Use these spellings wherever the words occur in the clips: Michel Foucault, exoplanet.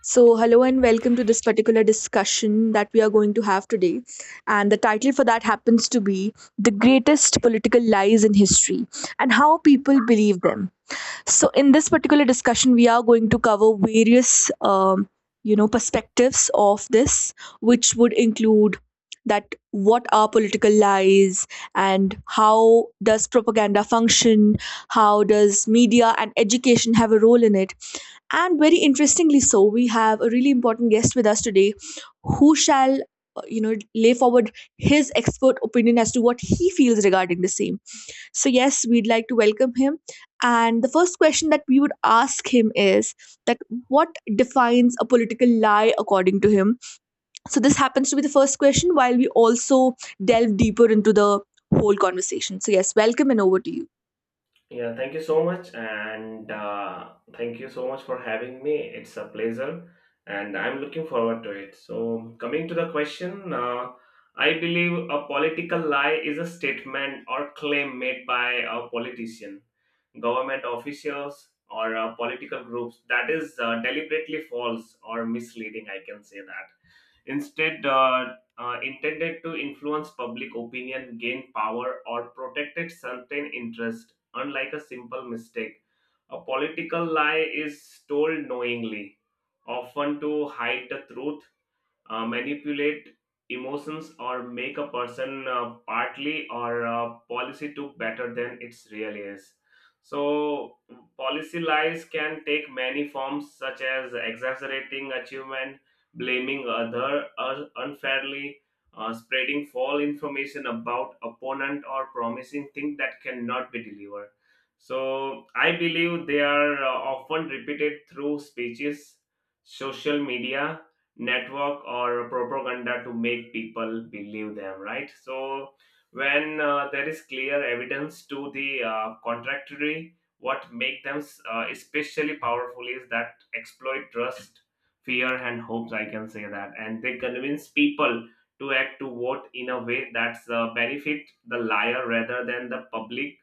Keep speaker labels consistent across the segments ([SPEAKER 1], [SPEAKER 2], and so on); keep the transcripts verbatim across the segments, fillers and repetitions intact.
[SPEAKER 1] So, hello and welcome to this particular discussion that we are going to have today. And the title for that happens to be The Greatest Political Lies in History and How People Believe Them. So in this particular discussion, we are going to cover various um, you know perspectives of this, which would include that what are political lies and how does propaganda function, how does media and education have a role in it, and very interestingly, so we have a really important guest with us today who shall uh, you know lay forward his expert opinion as to what he feels regarding the same. So yes, we'd like to welcome him, and the first question that we would ask him is that what defines a political lie according to him. So this happens to be the first question, while we also delve deeper into the whole conversation. So yes, welcome and over to you.
[SPEAKER 2] Yeah, thank you so much, and uh, thank you so much for having me. It's a pleasure, and I'm looking forward to it. So, coming to the question, uh, I believe a political lie is a statement or claim made by a politician, government officials, or uh, political groups that is uh, deliberately false or misleading. I can say that instead uh, uh, intended to influence public opinion, gain power, or protected certain interest, unlike a simple mistake. A political lie is told knowingly, often to hide the truth, uh, manipulate emotions or make a person uh, partly or uh, policy to better than it really is, so policy lies can take many forms such as exaggerating achievement, blaming other uh, unfairly, uh, spreading false information about opponent or promising things that cannot be delivered. So I believe they are uh, often repeated through speeches, social media network, or propaganda to make people believe them, right? So when uh, there is clear evidence to the uh, contractory, what make them uh, especially powerful is that exploit trust, fear, and hopes, I can say that, and they convince people to act, to vote in a way that's uh, benefit the liar rather than the public.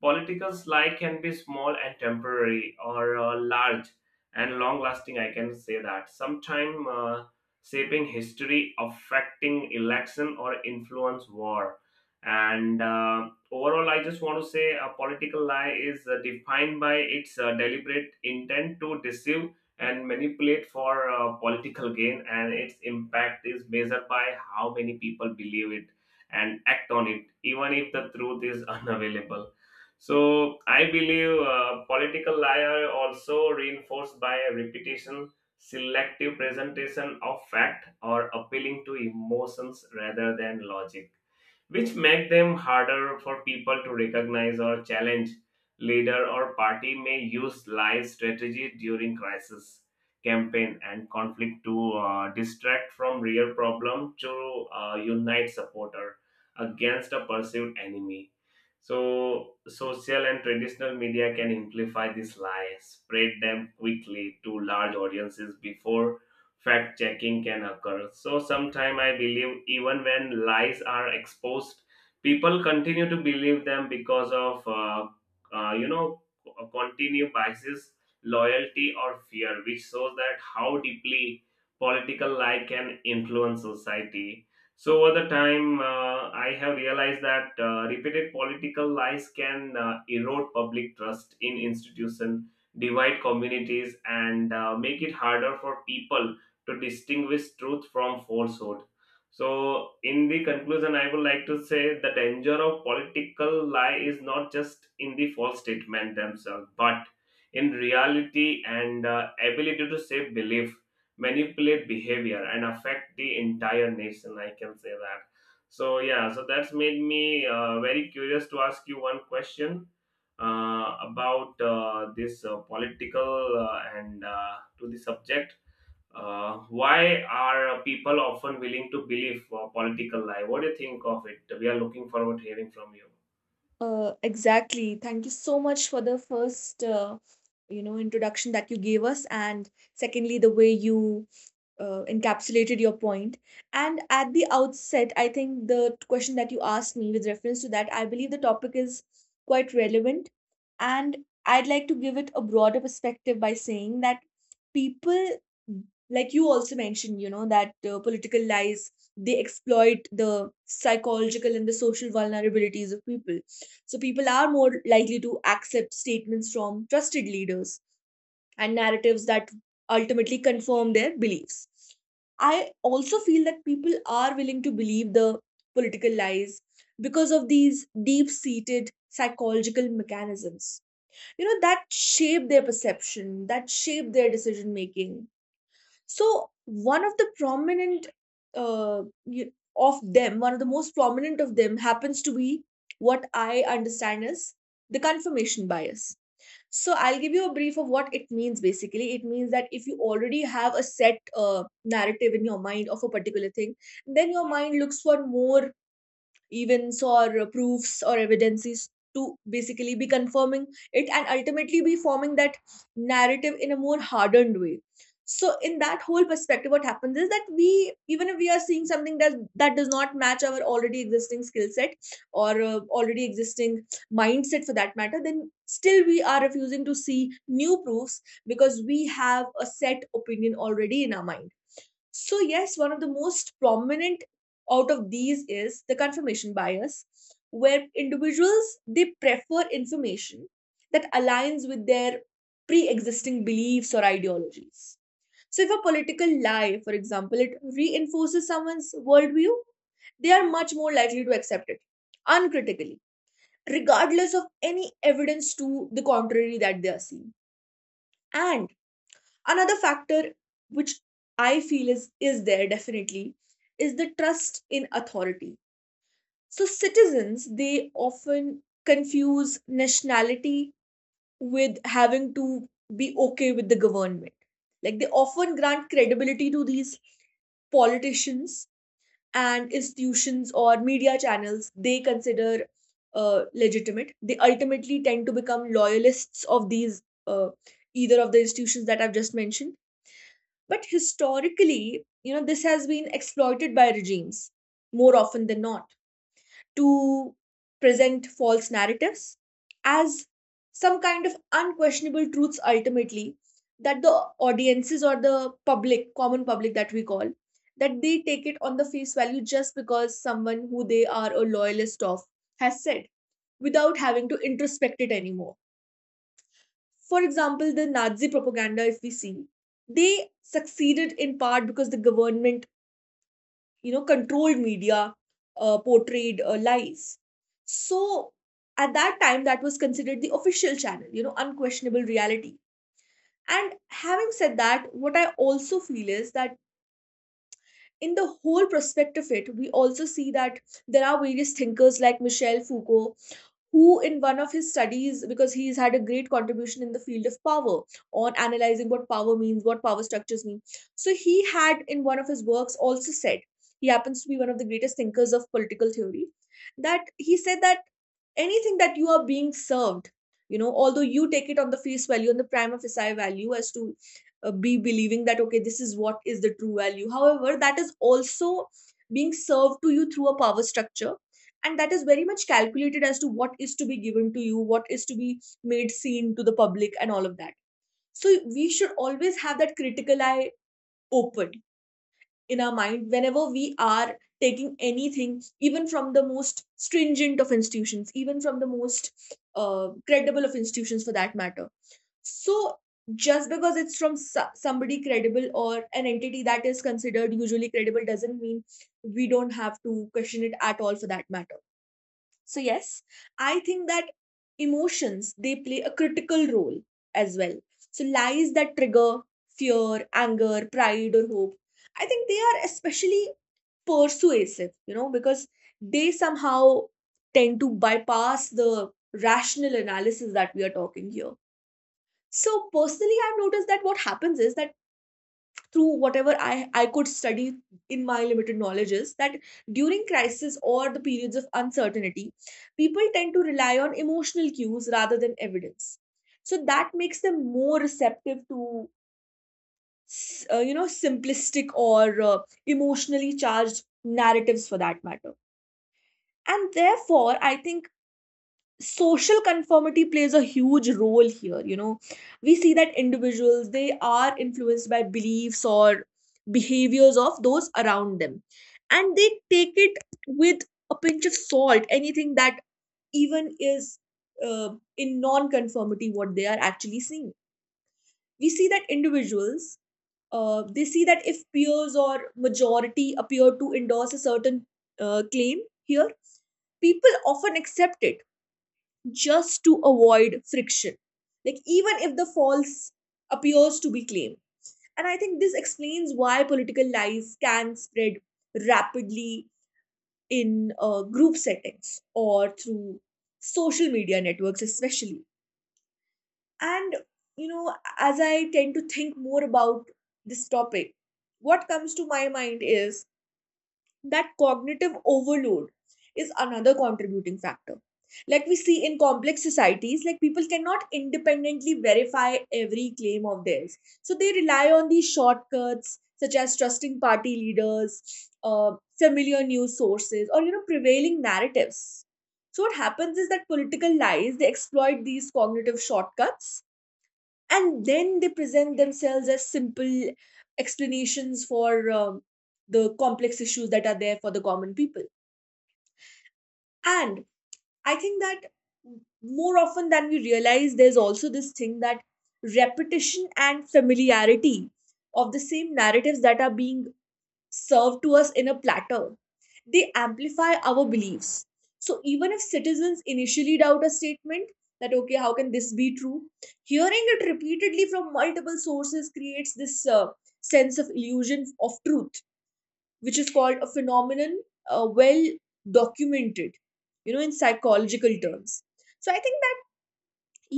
[SPEAKER 2] Political lie can be small and temporary, or uh, large and long lasting. I can say that. Sometime uh, shaping history, affecting election, or influence war. And uh, overall, I just want to say a political lie is uh, defined by its uh, deliberate intent to deceive and manipulate for uh, political gain, and its impact is measured by how many people believe it and act on it, even if the truth is unavailable. So I believe uh, political liar also reinforced by repetition, selective presentation of fact, or appealing to emotions rather than logic, which make them harder for people to recognize or challenge. Leader or party may use lie strategy during crisis, campaign, and conflict to uh, distract from real problem, to uh, unite supporter against a perceived enemy. So, social and traditional media can amplify these lies, spread them quickly to large audiences before fact checking can occur. So, sometimes I believe even when lies are exposed, people continue to believe them because of, uh, uh, you know, co- continued biases, loyalty, or fear, which shows that how deeply political lie can influence society. So over the time, uh, I have realized that uh, repeated political lies can uh, erode public trust in institution, divide communities, and uh, make it harder for people to distinguish truth from falsehood. So, in the conclusion, I would like to say the danger of political lie is not just in the false statement themselves, but in reality and uh, ability to shape belief, manipulate behavior, and affect the entire nation, I can say that. So yeah, so that's made me uh, very curious to ask you one question, uh, about uh, this uh, political uh, and uh, to the subject, uh, why are people often willing to believe uh, political lie? What do you think of it? We are looking forward to hearing from you.
[SPEAKER 1] Uh, exactly. Thank you so much for the first, uh, you know, introduction that you gave us, and secondly, the way you uh, encapsulated your point. And at the outset, I think the question that you asked me with reference to that, I believe the topic is quite relevant, and I'd like to give it a broader perspective by saying that people, like you also mentioned, you know, that uh, political lies, they exploit the psychological and the social vulnerabilities of people. So people are more likely to accept statements from trusted leaders and narratives that ultimately confirm their beliefs. I also feel that people are willing to believe the political lies because of these deep seated psychological mechanisms, you know that shape their perception, that shape their decision making. So one of the prominent uh, you, of them, one of the most prominent of them happens to be what I understand is the confirmation bias. So I'll give you a brief of what it means basically. It means that if you already have a set uh, narrative in your mind of a particular thing, then your mind looks for more events or proofs or evidences to basically be confirming it and ultimately be forming that narrative in a more hardened way. So in that whole perspective, what happens is that we, even if we are seeing something that that does not match our already existing skill set or uh, already existing mindset for that matter, then still we are refusing to see new proofs because we have a set opinion already in our mind. So, yes, one of the most prominent out of these is the confirmation bias, where individuals, they prefer information that aligns with their pre-existing beliefs or ideologies. So, if a political lie, for example, it reinforces someone's worldview, they are much more likely to accept it uncritically, regardless of any evidence to the contrary that they are seeing. And another factor which I feel is is there definitely is the trust in authority. So citizens, they often confuse nationality with having to be okay with the government, like they often grant credibility to these politicians and institutions or media channels they consider uh, legitimate. They ultimately tend to become loyalists of these, uh, either of the institutions that I've just mentioned. But historically, you know, this has been exploited by regimes more often than not to present false narratives as some kind of unquestionable truths, ultimately, that the audiences or the public, common public that we call, that they take it on the face value just because someone who they are a loyalist of has said, without having to introspect it anymore. For example, the Nazi propaganda, if we see, they succeeded in part because the government, you know, controlled media, uh, portrayed uh, lies. So at that time, that was considered the official channel, you know, unquestionable reality. And having said that, what I also feel is that in the whole prospect of it, we also see that there are various thinkers like Michel Foucault, who in one of his studies, because he's had a great contribution in the field of power on analyzing what power means, what power structures mean. So he had in one of his works also said, he happens to be one of the greatest thinkers of political theory, that he said that anything that you are being served, you know although you take it on the face value, on the prima facie value, as to uh, be believing that okay, this is what is the true value, however, that is also being served to you through a power structure, and that is very much calculated as to what is to be given to you, what is to be made seen to the public and all of that. So we should always have that critical eye open in our mind whenever we are taking anything, even from the most stringent of institutions, even from the most uh, credible of institutions for that matter. So just because it's from so- somebody credible or an entity that is considered usually credible, doesn't mean we don't have to question it at all for that matter. So yes, I think that emotions, they play a critical role as well. So lies that trigger fear, anger, pride or hope, I think they are especially persuasive, you know, because they somehow tend to bypass the rational analysis that we are talking here. So personally I've noticed that what happens is that through whatever I, I could study in my limited knowledge, is that during crisis or the periods of uncertainty, people tend to rely on emotional cues rather than evidence. So that makes them more receptive to, s- uh, you know, simplistic or uh, emotionally charged narratives for that matter. And therefore, I think social conformity plays a huge role here. You know we see that individuals, they are influenced by beliefs or behaviors of those around them, and they take it with a pinch of salt, anything that even is uh, in non-conformity what they are actually seeing. We see that individuals, uh, they see that if peers or majority appear to endorse a certain uh, claim here, people often accept it just to avoid friction, like even if the false appears to be claimed. And I think this explains why political lies can spread rapidly in uh, group settings or through social media networks especially. And you know as I tend to think more about this topic, what comes to my mind is that cognitive overload is another contributing factor. Like we see in complex societies, like people cannot independently verify every claim of theirs, so they rely on these shortcuts such as trusting party leaders, uh, familiar news sources, or you know prevailing narratives. So what happens is that political lies, they exploit these cognitive shortcuts, and then they present themselves as simple explanations for um, the complex issues that are there for the common people. And I think that more often than we realize, there's also this thing that repetition and familiarity of the same narratives that are being served to us in a platter, they amplify our beliefs. So even if citizens initially doubt a statement that, okay, how can this be true? Hearing it repeatedly from multiple sources creates this uh, sense of illusion of truth, which is called a phenomenon, uh, well documented, you know, in psychological terms. So I think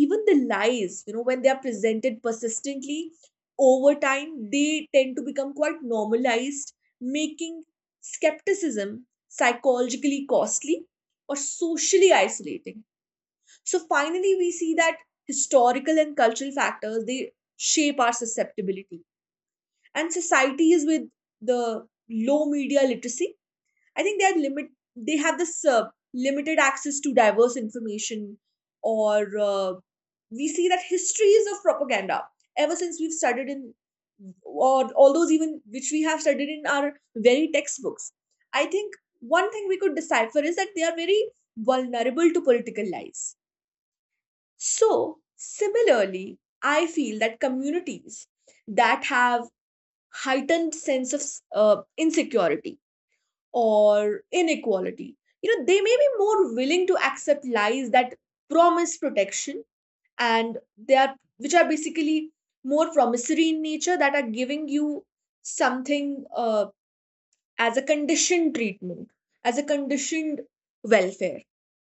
[SPEAKER 1] even the lies, you know when they are presented persistently over time, they tend to become quite normalized, making skepticism psychologically costly or socially isolating. So finally we see that historical and cultural factors, they shape our susceptibility, and societies with the low media literacy, I think they are limit they have this uh, limited access to diverse information, or uh, we see that histories of propaganda ever since we've studied in, or all those even which we have studied in our very textbooks, I think one thing we could decipher is that they are very vulnerable to political lies. So, similarly, I feel that communities that have heightened sense of uh, insecurity or inequality, you know they may be more willing to accept lies that promise protection, and they are, which are basically more promissory in nature, that are giving you something, uh, as a conditioned treatment, as a conditioned welfare,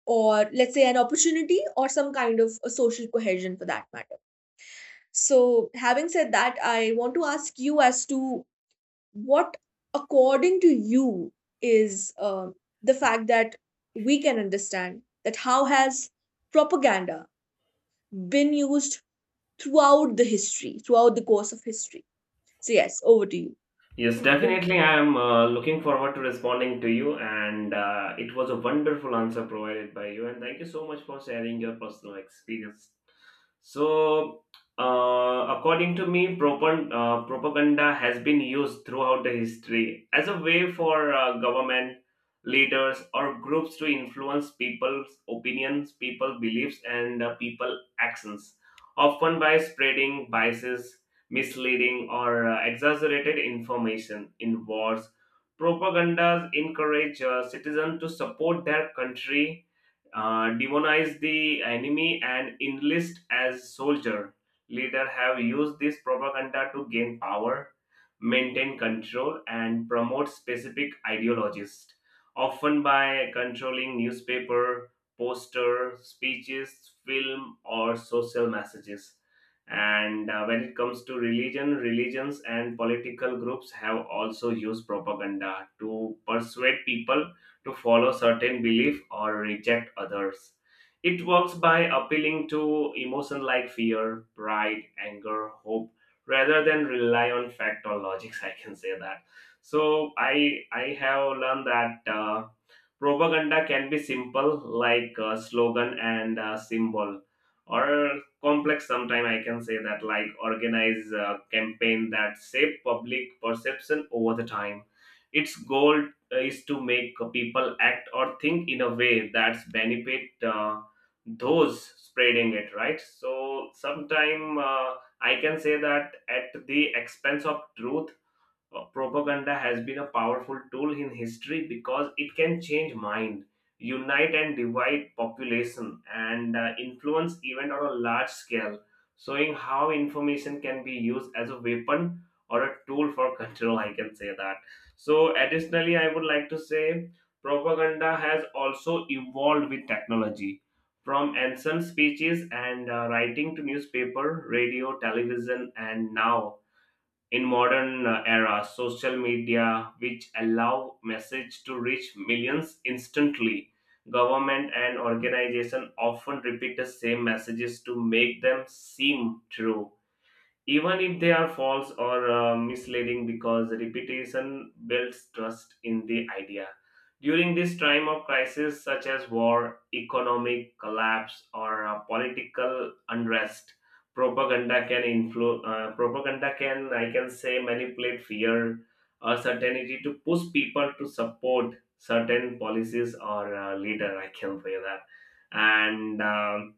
[SPEAKER 1] or let's say an opportunity or some kind of a social cohesion for that matter. So having said that, I want to ask you as to what, according to you, is uh, the fact that we can understand that how has propaganda been used throughout the history, throughout the course of history. So yes, over to you.
[SPEAKER 2] Yes, definitely. I am uh, looking forward to responding to you, and uh, it was a wonderful answer provided by you. And thank you so much for sharing your personal experience. So, uh, according to me, propon- uh, propaganda has been used throughout the history as a way for uh, government leaders or groups to influence people's opinions, people beliefs, and uh, people actions, often by spreading biases, misleading or uh, exaggerated information in wars. Propagandas encourage uh, citizens to support their country, uh, demonize the enemy, and enlist as soldier. Leaders have used this propaganda to gain power, maintain control, and promote specific ideologies, often by controlling newspaper, poster, speeches, film, or social messages. And uh, when it comes to religion, religions and political groups have also used propaganda to persuade people to follow certain belief or reject others. It works by appealing to emotions like fear, pride, anger, hope, rather than rely on fact or logics. I can say that. So I I have learned that uh, propaganda can be simple like a slogan and a symbol, or complex sometime, I can say that, like organize a campaign that shape public perception over the time. Its goal uh, is to make people act or think in a way that's benefit uh, those spreading it, right? So sometime, uh, I can say that, at the expense of truth, uh, propaganda has been a powerful tool in history because it can change mind, unite and divide population, and uh, influence event on a large scale, showing how information can be used as a weapon or a tool for control, I can say that. So additionally, I would like to say propaganda has also evolved with technology, from ancient speeches and uh, writing to newspaper, radio, television, and now in modern uh, era social media, which allow message to reach millions instantly. Government and organization often repeat the same messages to make them seem true, even if they are false or uh, misleading, because repetition builds trust in the idea. During this time of crisis such as war, economic collapse, or uh, political unrest, propaganda can influ- uh, propaganda can, I can say, manipulate fear or certainty to push people to support certain policies or uh, leader, I can say that. And um,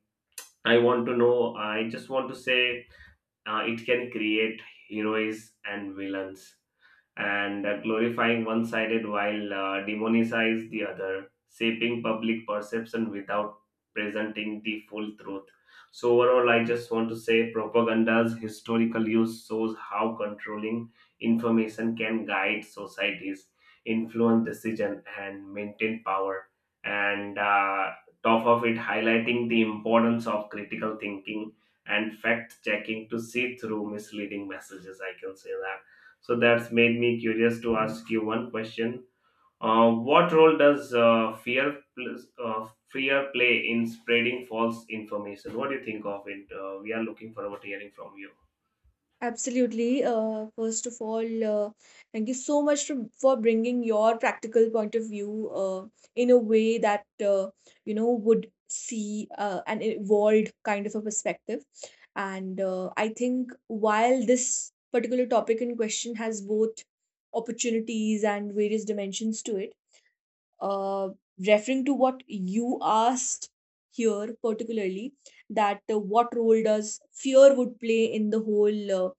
[SPEAKER 2] I want to know, I just want to say, uh, it can create heroes and villains, and uh, glorifying one sided while uh, demonize the other, shaping public perception without presenting the full truth. So overall, I just want to say propaganda's historical use shows how controlling information can guide societies, influence decision, and maintain power. And uh, top of it, highlighting the importance of critical thinking and fact checking to see through misleading messages. I can say that. So that's made me curious to ask you one question. Uh, what role does uh, fear pl- uh, fear play in spreading false information? What do you think of it? Uh, we are looking forward to hearing from you.
[SPEAKER 1] Absolutely. Uh, first of all, uh, thank you so much for for bringing your practical point of view, uh, in a way that uh, you know would see uh, an evolved kind of a perspective. And uh, I think while this particular topic in question has both opportunities and various dimensions to it, uh, referring to what you asked here particularly, that uh, what role does fear would play in the whole uh,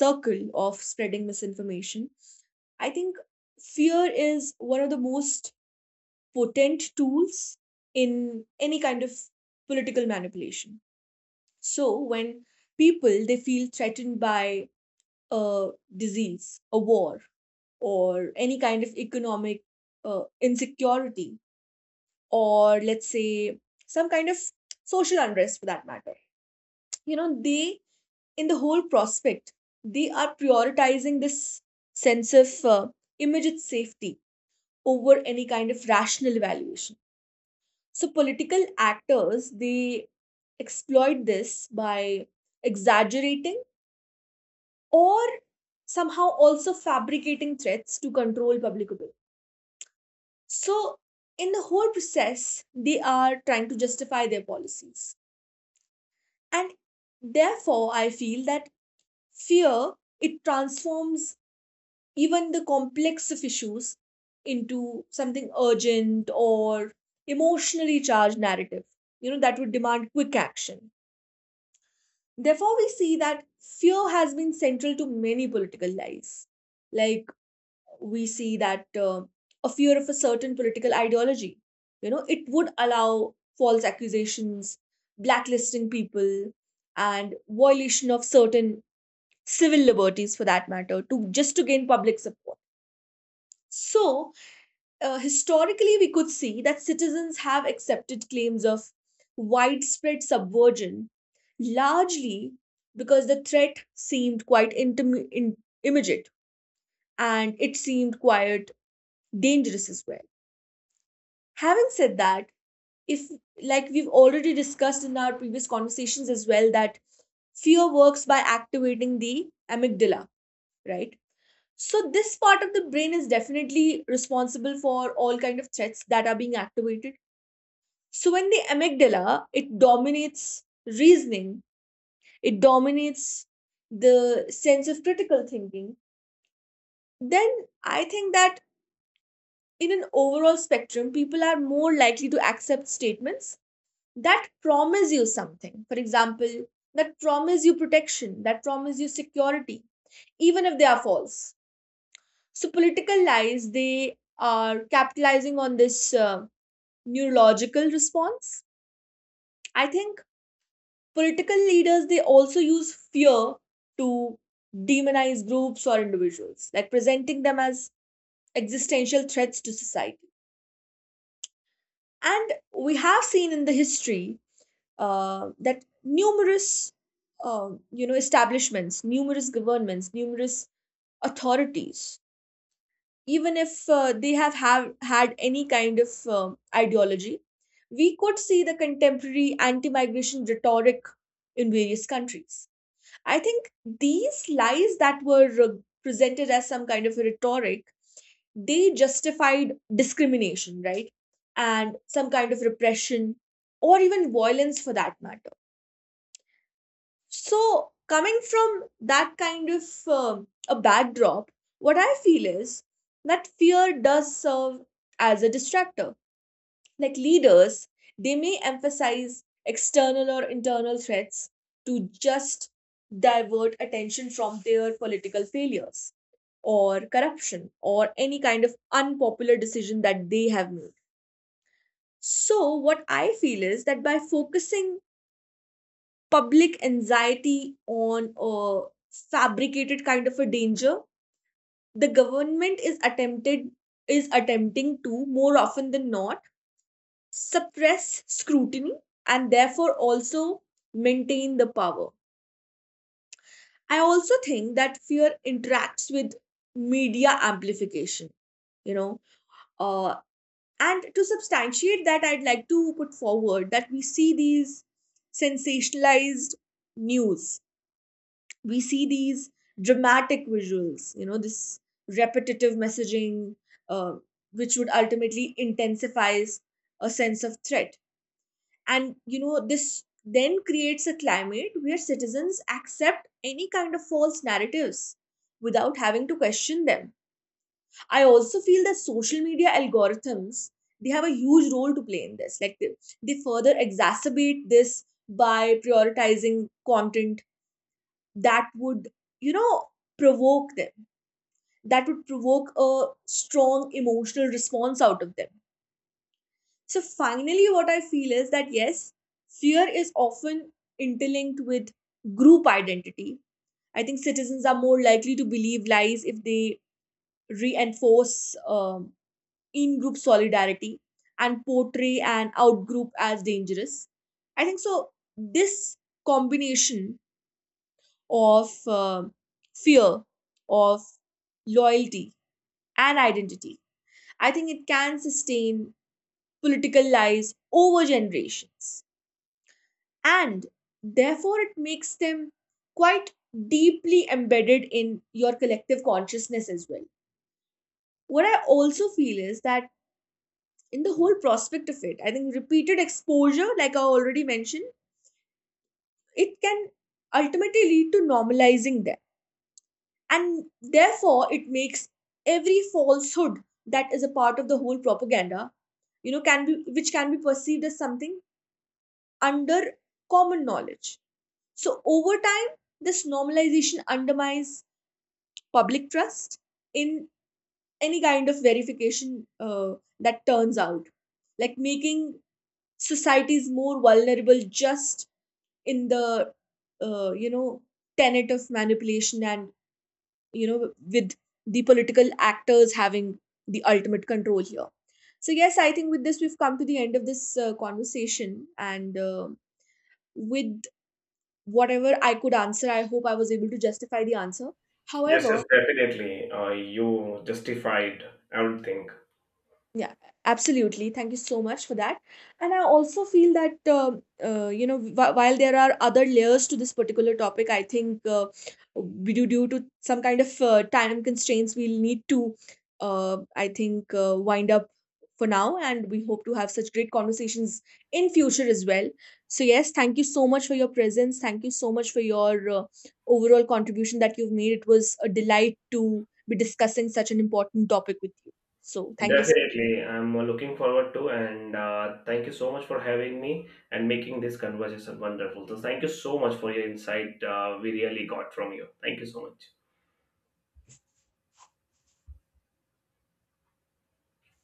[SPEAKER 1] circle of spreading misinformation. I think fear is one of the most potent tools in any kind of political manipulation. So when people, they feel threatened by a disease, a war, or any kind of economic uh, insecurity, or let's say some kind of social unrest for that matter. You know, they, in the whole prospect, they are prioritizing this sense of uh, immediate safety over any kind of rational evaluation. So, political actors, they exploit this by exaggerating or somehow also fabricating threats to control public opinion. So, in the whole process, they are trying to justify their policies, and therefore I feel that fear, it transforms even the complex of issues into something urgent or emotionally charged narrative, you know, that would demand quick action. Therefore we see that fear has been central to many political lies. Like, we see that uh, a fear of a certain political ideology, you know, it would allow false accusations, blacklisting people, and violation of certain civil liberties, for that matter, to just to gain public support. So uh, historically we could see that citizens have accepted claims of widespread subversion largely because the threat seemed quite intim- in- immediate, and it seemed quite dangerous as well. Having said that, if, like we've already discussed in our previous conversations as well, that fear works by activating the amygdala, right? So this part of the brain is definitely responsible for all kind of threats that are being activated. So when the amygdala, it dominates reasoning, it dominates the sense of critical thinking, then I think that in an overall spectrum, people are more likely to accept statements that promise you something. For example, that promise you protection, that promise you security, even if they are false. So political lies, they are capitalizing on this uh, neurological response. I think political leaders, they also use fear to demonize groups or individuals, like presenting them as existential threats to society. And we have seen in the history uh, that numerous, um, you know, establishments, numerous governments, numerous authorities, even if uh, they have, have had any kind of um ideology, we could see the contemporary anti migration rhetoric in various countries. I think these lies that were uh, presented as some kind of a rhetoric, they justified discrimination, right? And some kind of repression or even violence for that matter. So, coming from that kind of um, a backdrop, what I feel is that fear does serve as a distractor. Like, leaders, they may emphasize external or internal threats to just divert attention from their political failures or corruption or any kind of unpopular decision that they have made. So, what I feel is that by focusing public anxiety on a fabricated kind of a danger, the government is attempted is attempting to, more often than not, suppress scrutiny, and therefore also maintain the power. I also think that fear interacts with media amplification, you know. uh, and to substantiate that, I'd like to put forward that we see these sensationalized news, we see these dramatic visuals, you know, this repetitive messaging, uh, which would ultimately intensifies a sense of threat. And you know, this then creates a climate where citizens accept any kind of false narratives without having to question them. I also feel that social media algorithms, they have a huge role to play in this. Like, they, they further exacerbate this by prioritizing content that would, you know, provoke them, that would provoke a strong emotional response out of them. So finally what I feel is that, yes, fear is often interlinked with group identity. I think citizens are more likely to believe lies if they reinforce um, in group solidarity and portray an out group as dangerous. I think so this combination of um fear, of loyalty, and identity, I think it can sustain political lives over generations, and therefore it makes them quite deeply embedded in your collective consciousness as well. What I also feel is that in the whole prospect of it, I think repeated exposure, like I already mentioned, it can ultimately lead to normalizing them, and therefore it makes every falsehood that is a part of the whole propaganda, you know, can be which can be perceived as something under common knowledge. So over time this normalization undermines public trust in any kind of verification, uh, that turns out like making societies more vulnerable, just in the uh, you know, tenet of manipulation, and you know, with the political actors having the ultimate control here. So, yes, I think with this, we've come to the end of this uh, conversation. And uh, with whatever I could answer, I hope I was able to justify the answer.
[SPEAKER 2] Yes, yes,
[SPEAKER 1] However,
[SPEAKER 2] definitely. Uh, you justified everything.
[SPEAKER 1] yeah, absolutely. Thank you so much for that. And I also feel that, um uh, you know, wh- while there are other layers to this particular topic, I think uh, we do, due to some kind of uh, time constraints, we'll need to, uh, I think, uh, wind up for now. And we hope to have such great conversations in future as well. So, yes, thank you so much for your presence. Thank you so much for your uh, overall contribution that you've made. It was a delight to be discussing such an important topic with you. So, thank you so
[SPEAKER 2] Definitely, I'm looking forward to, and uh, thank you so much for having me and making this conversation wonderful. So, thank you so much for your insight. Uh, we really got from you. Thank you so much.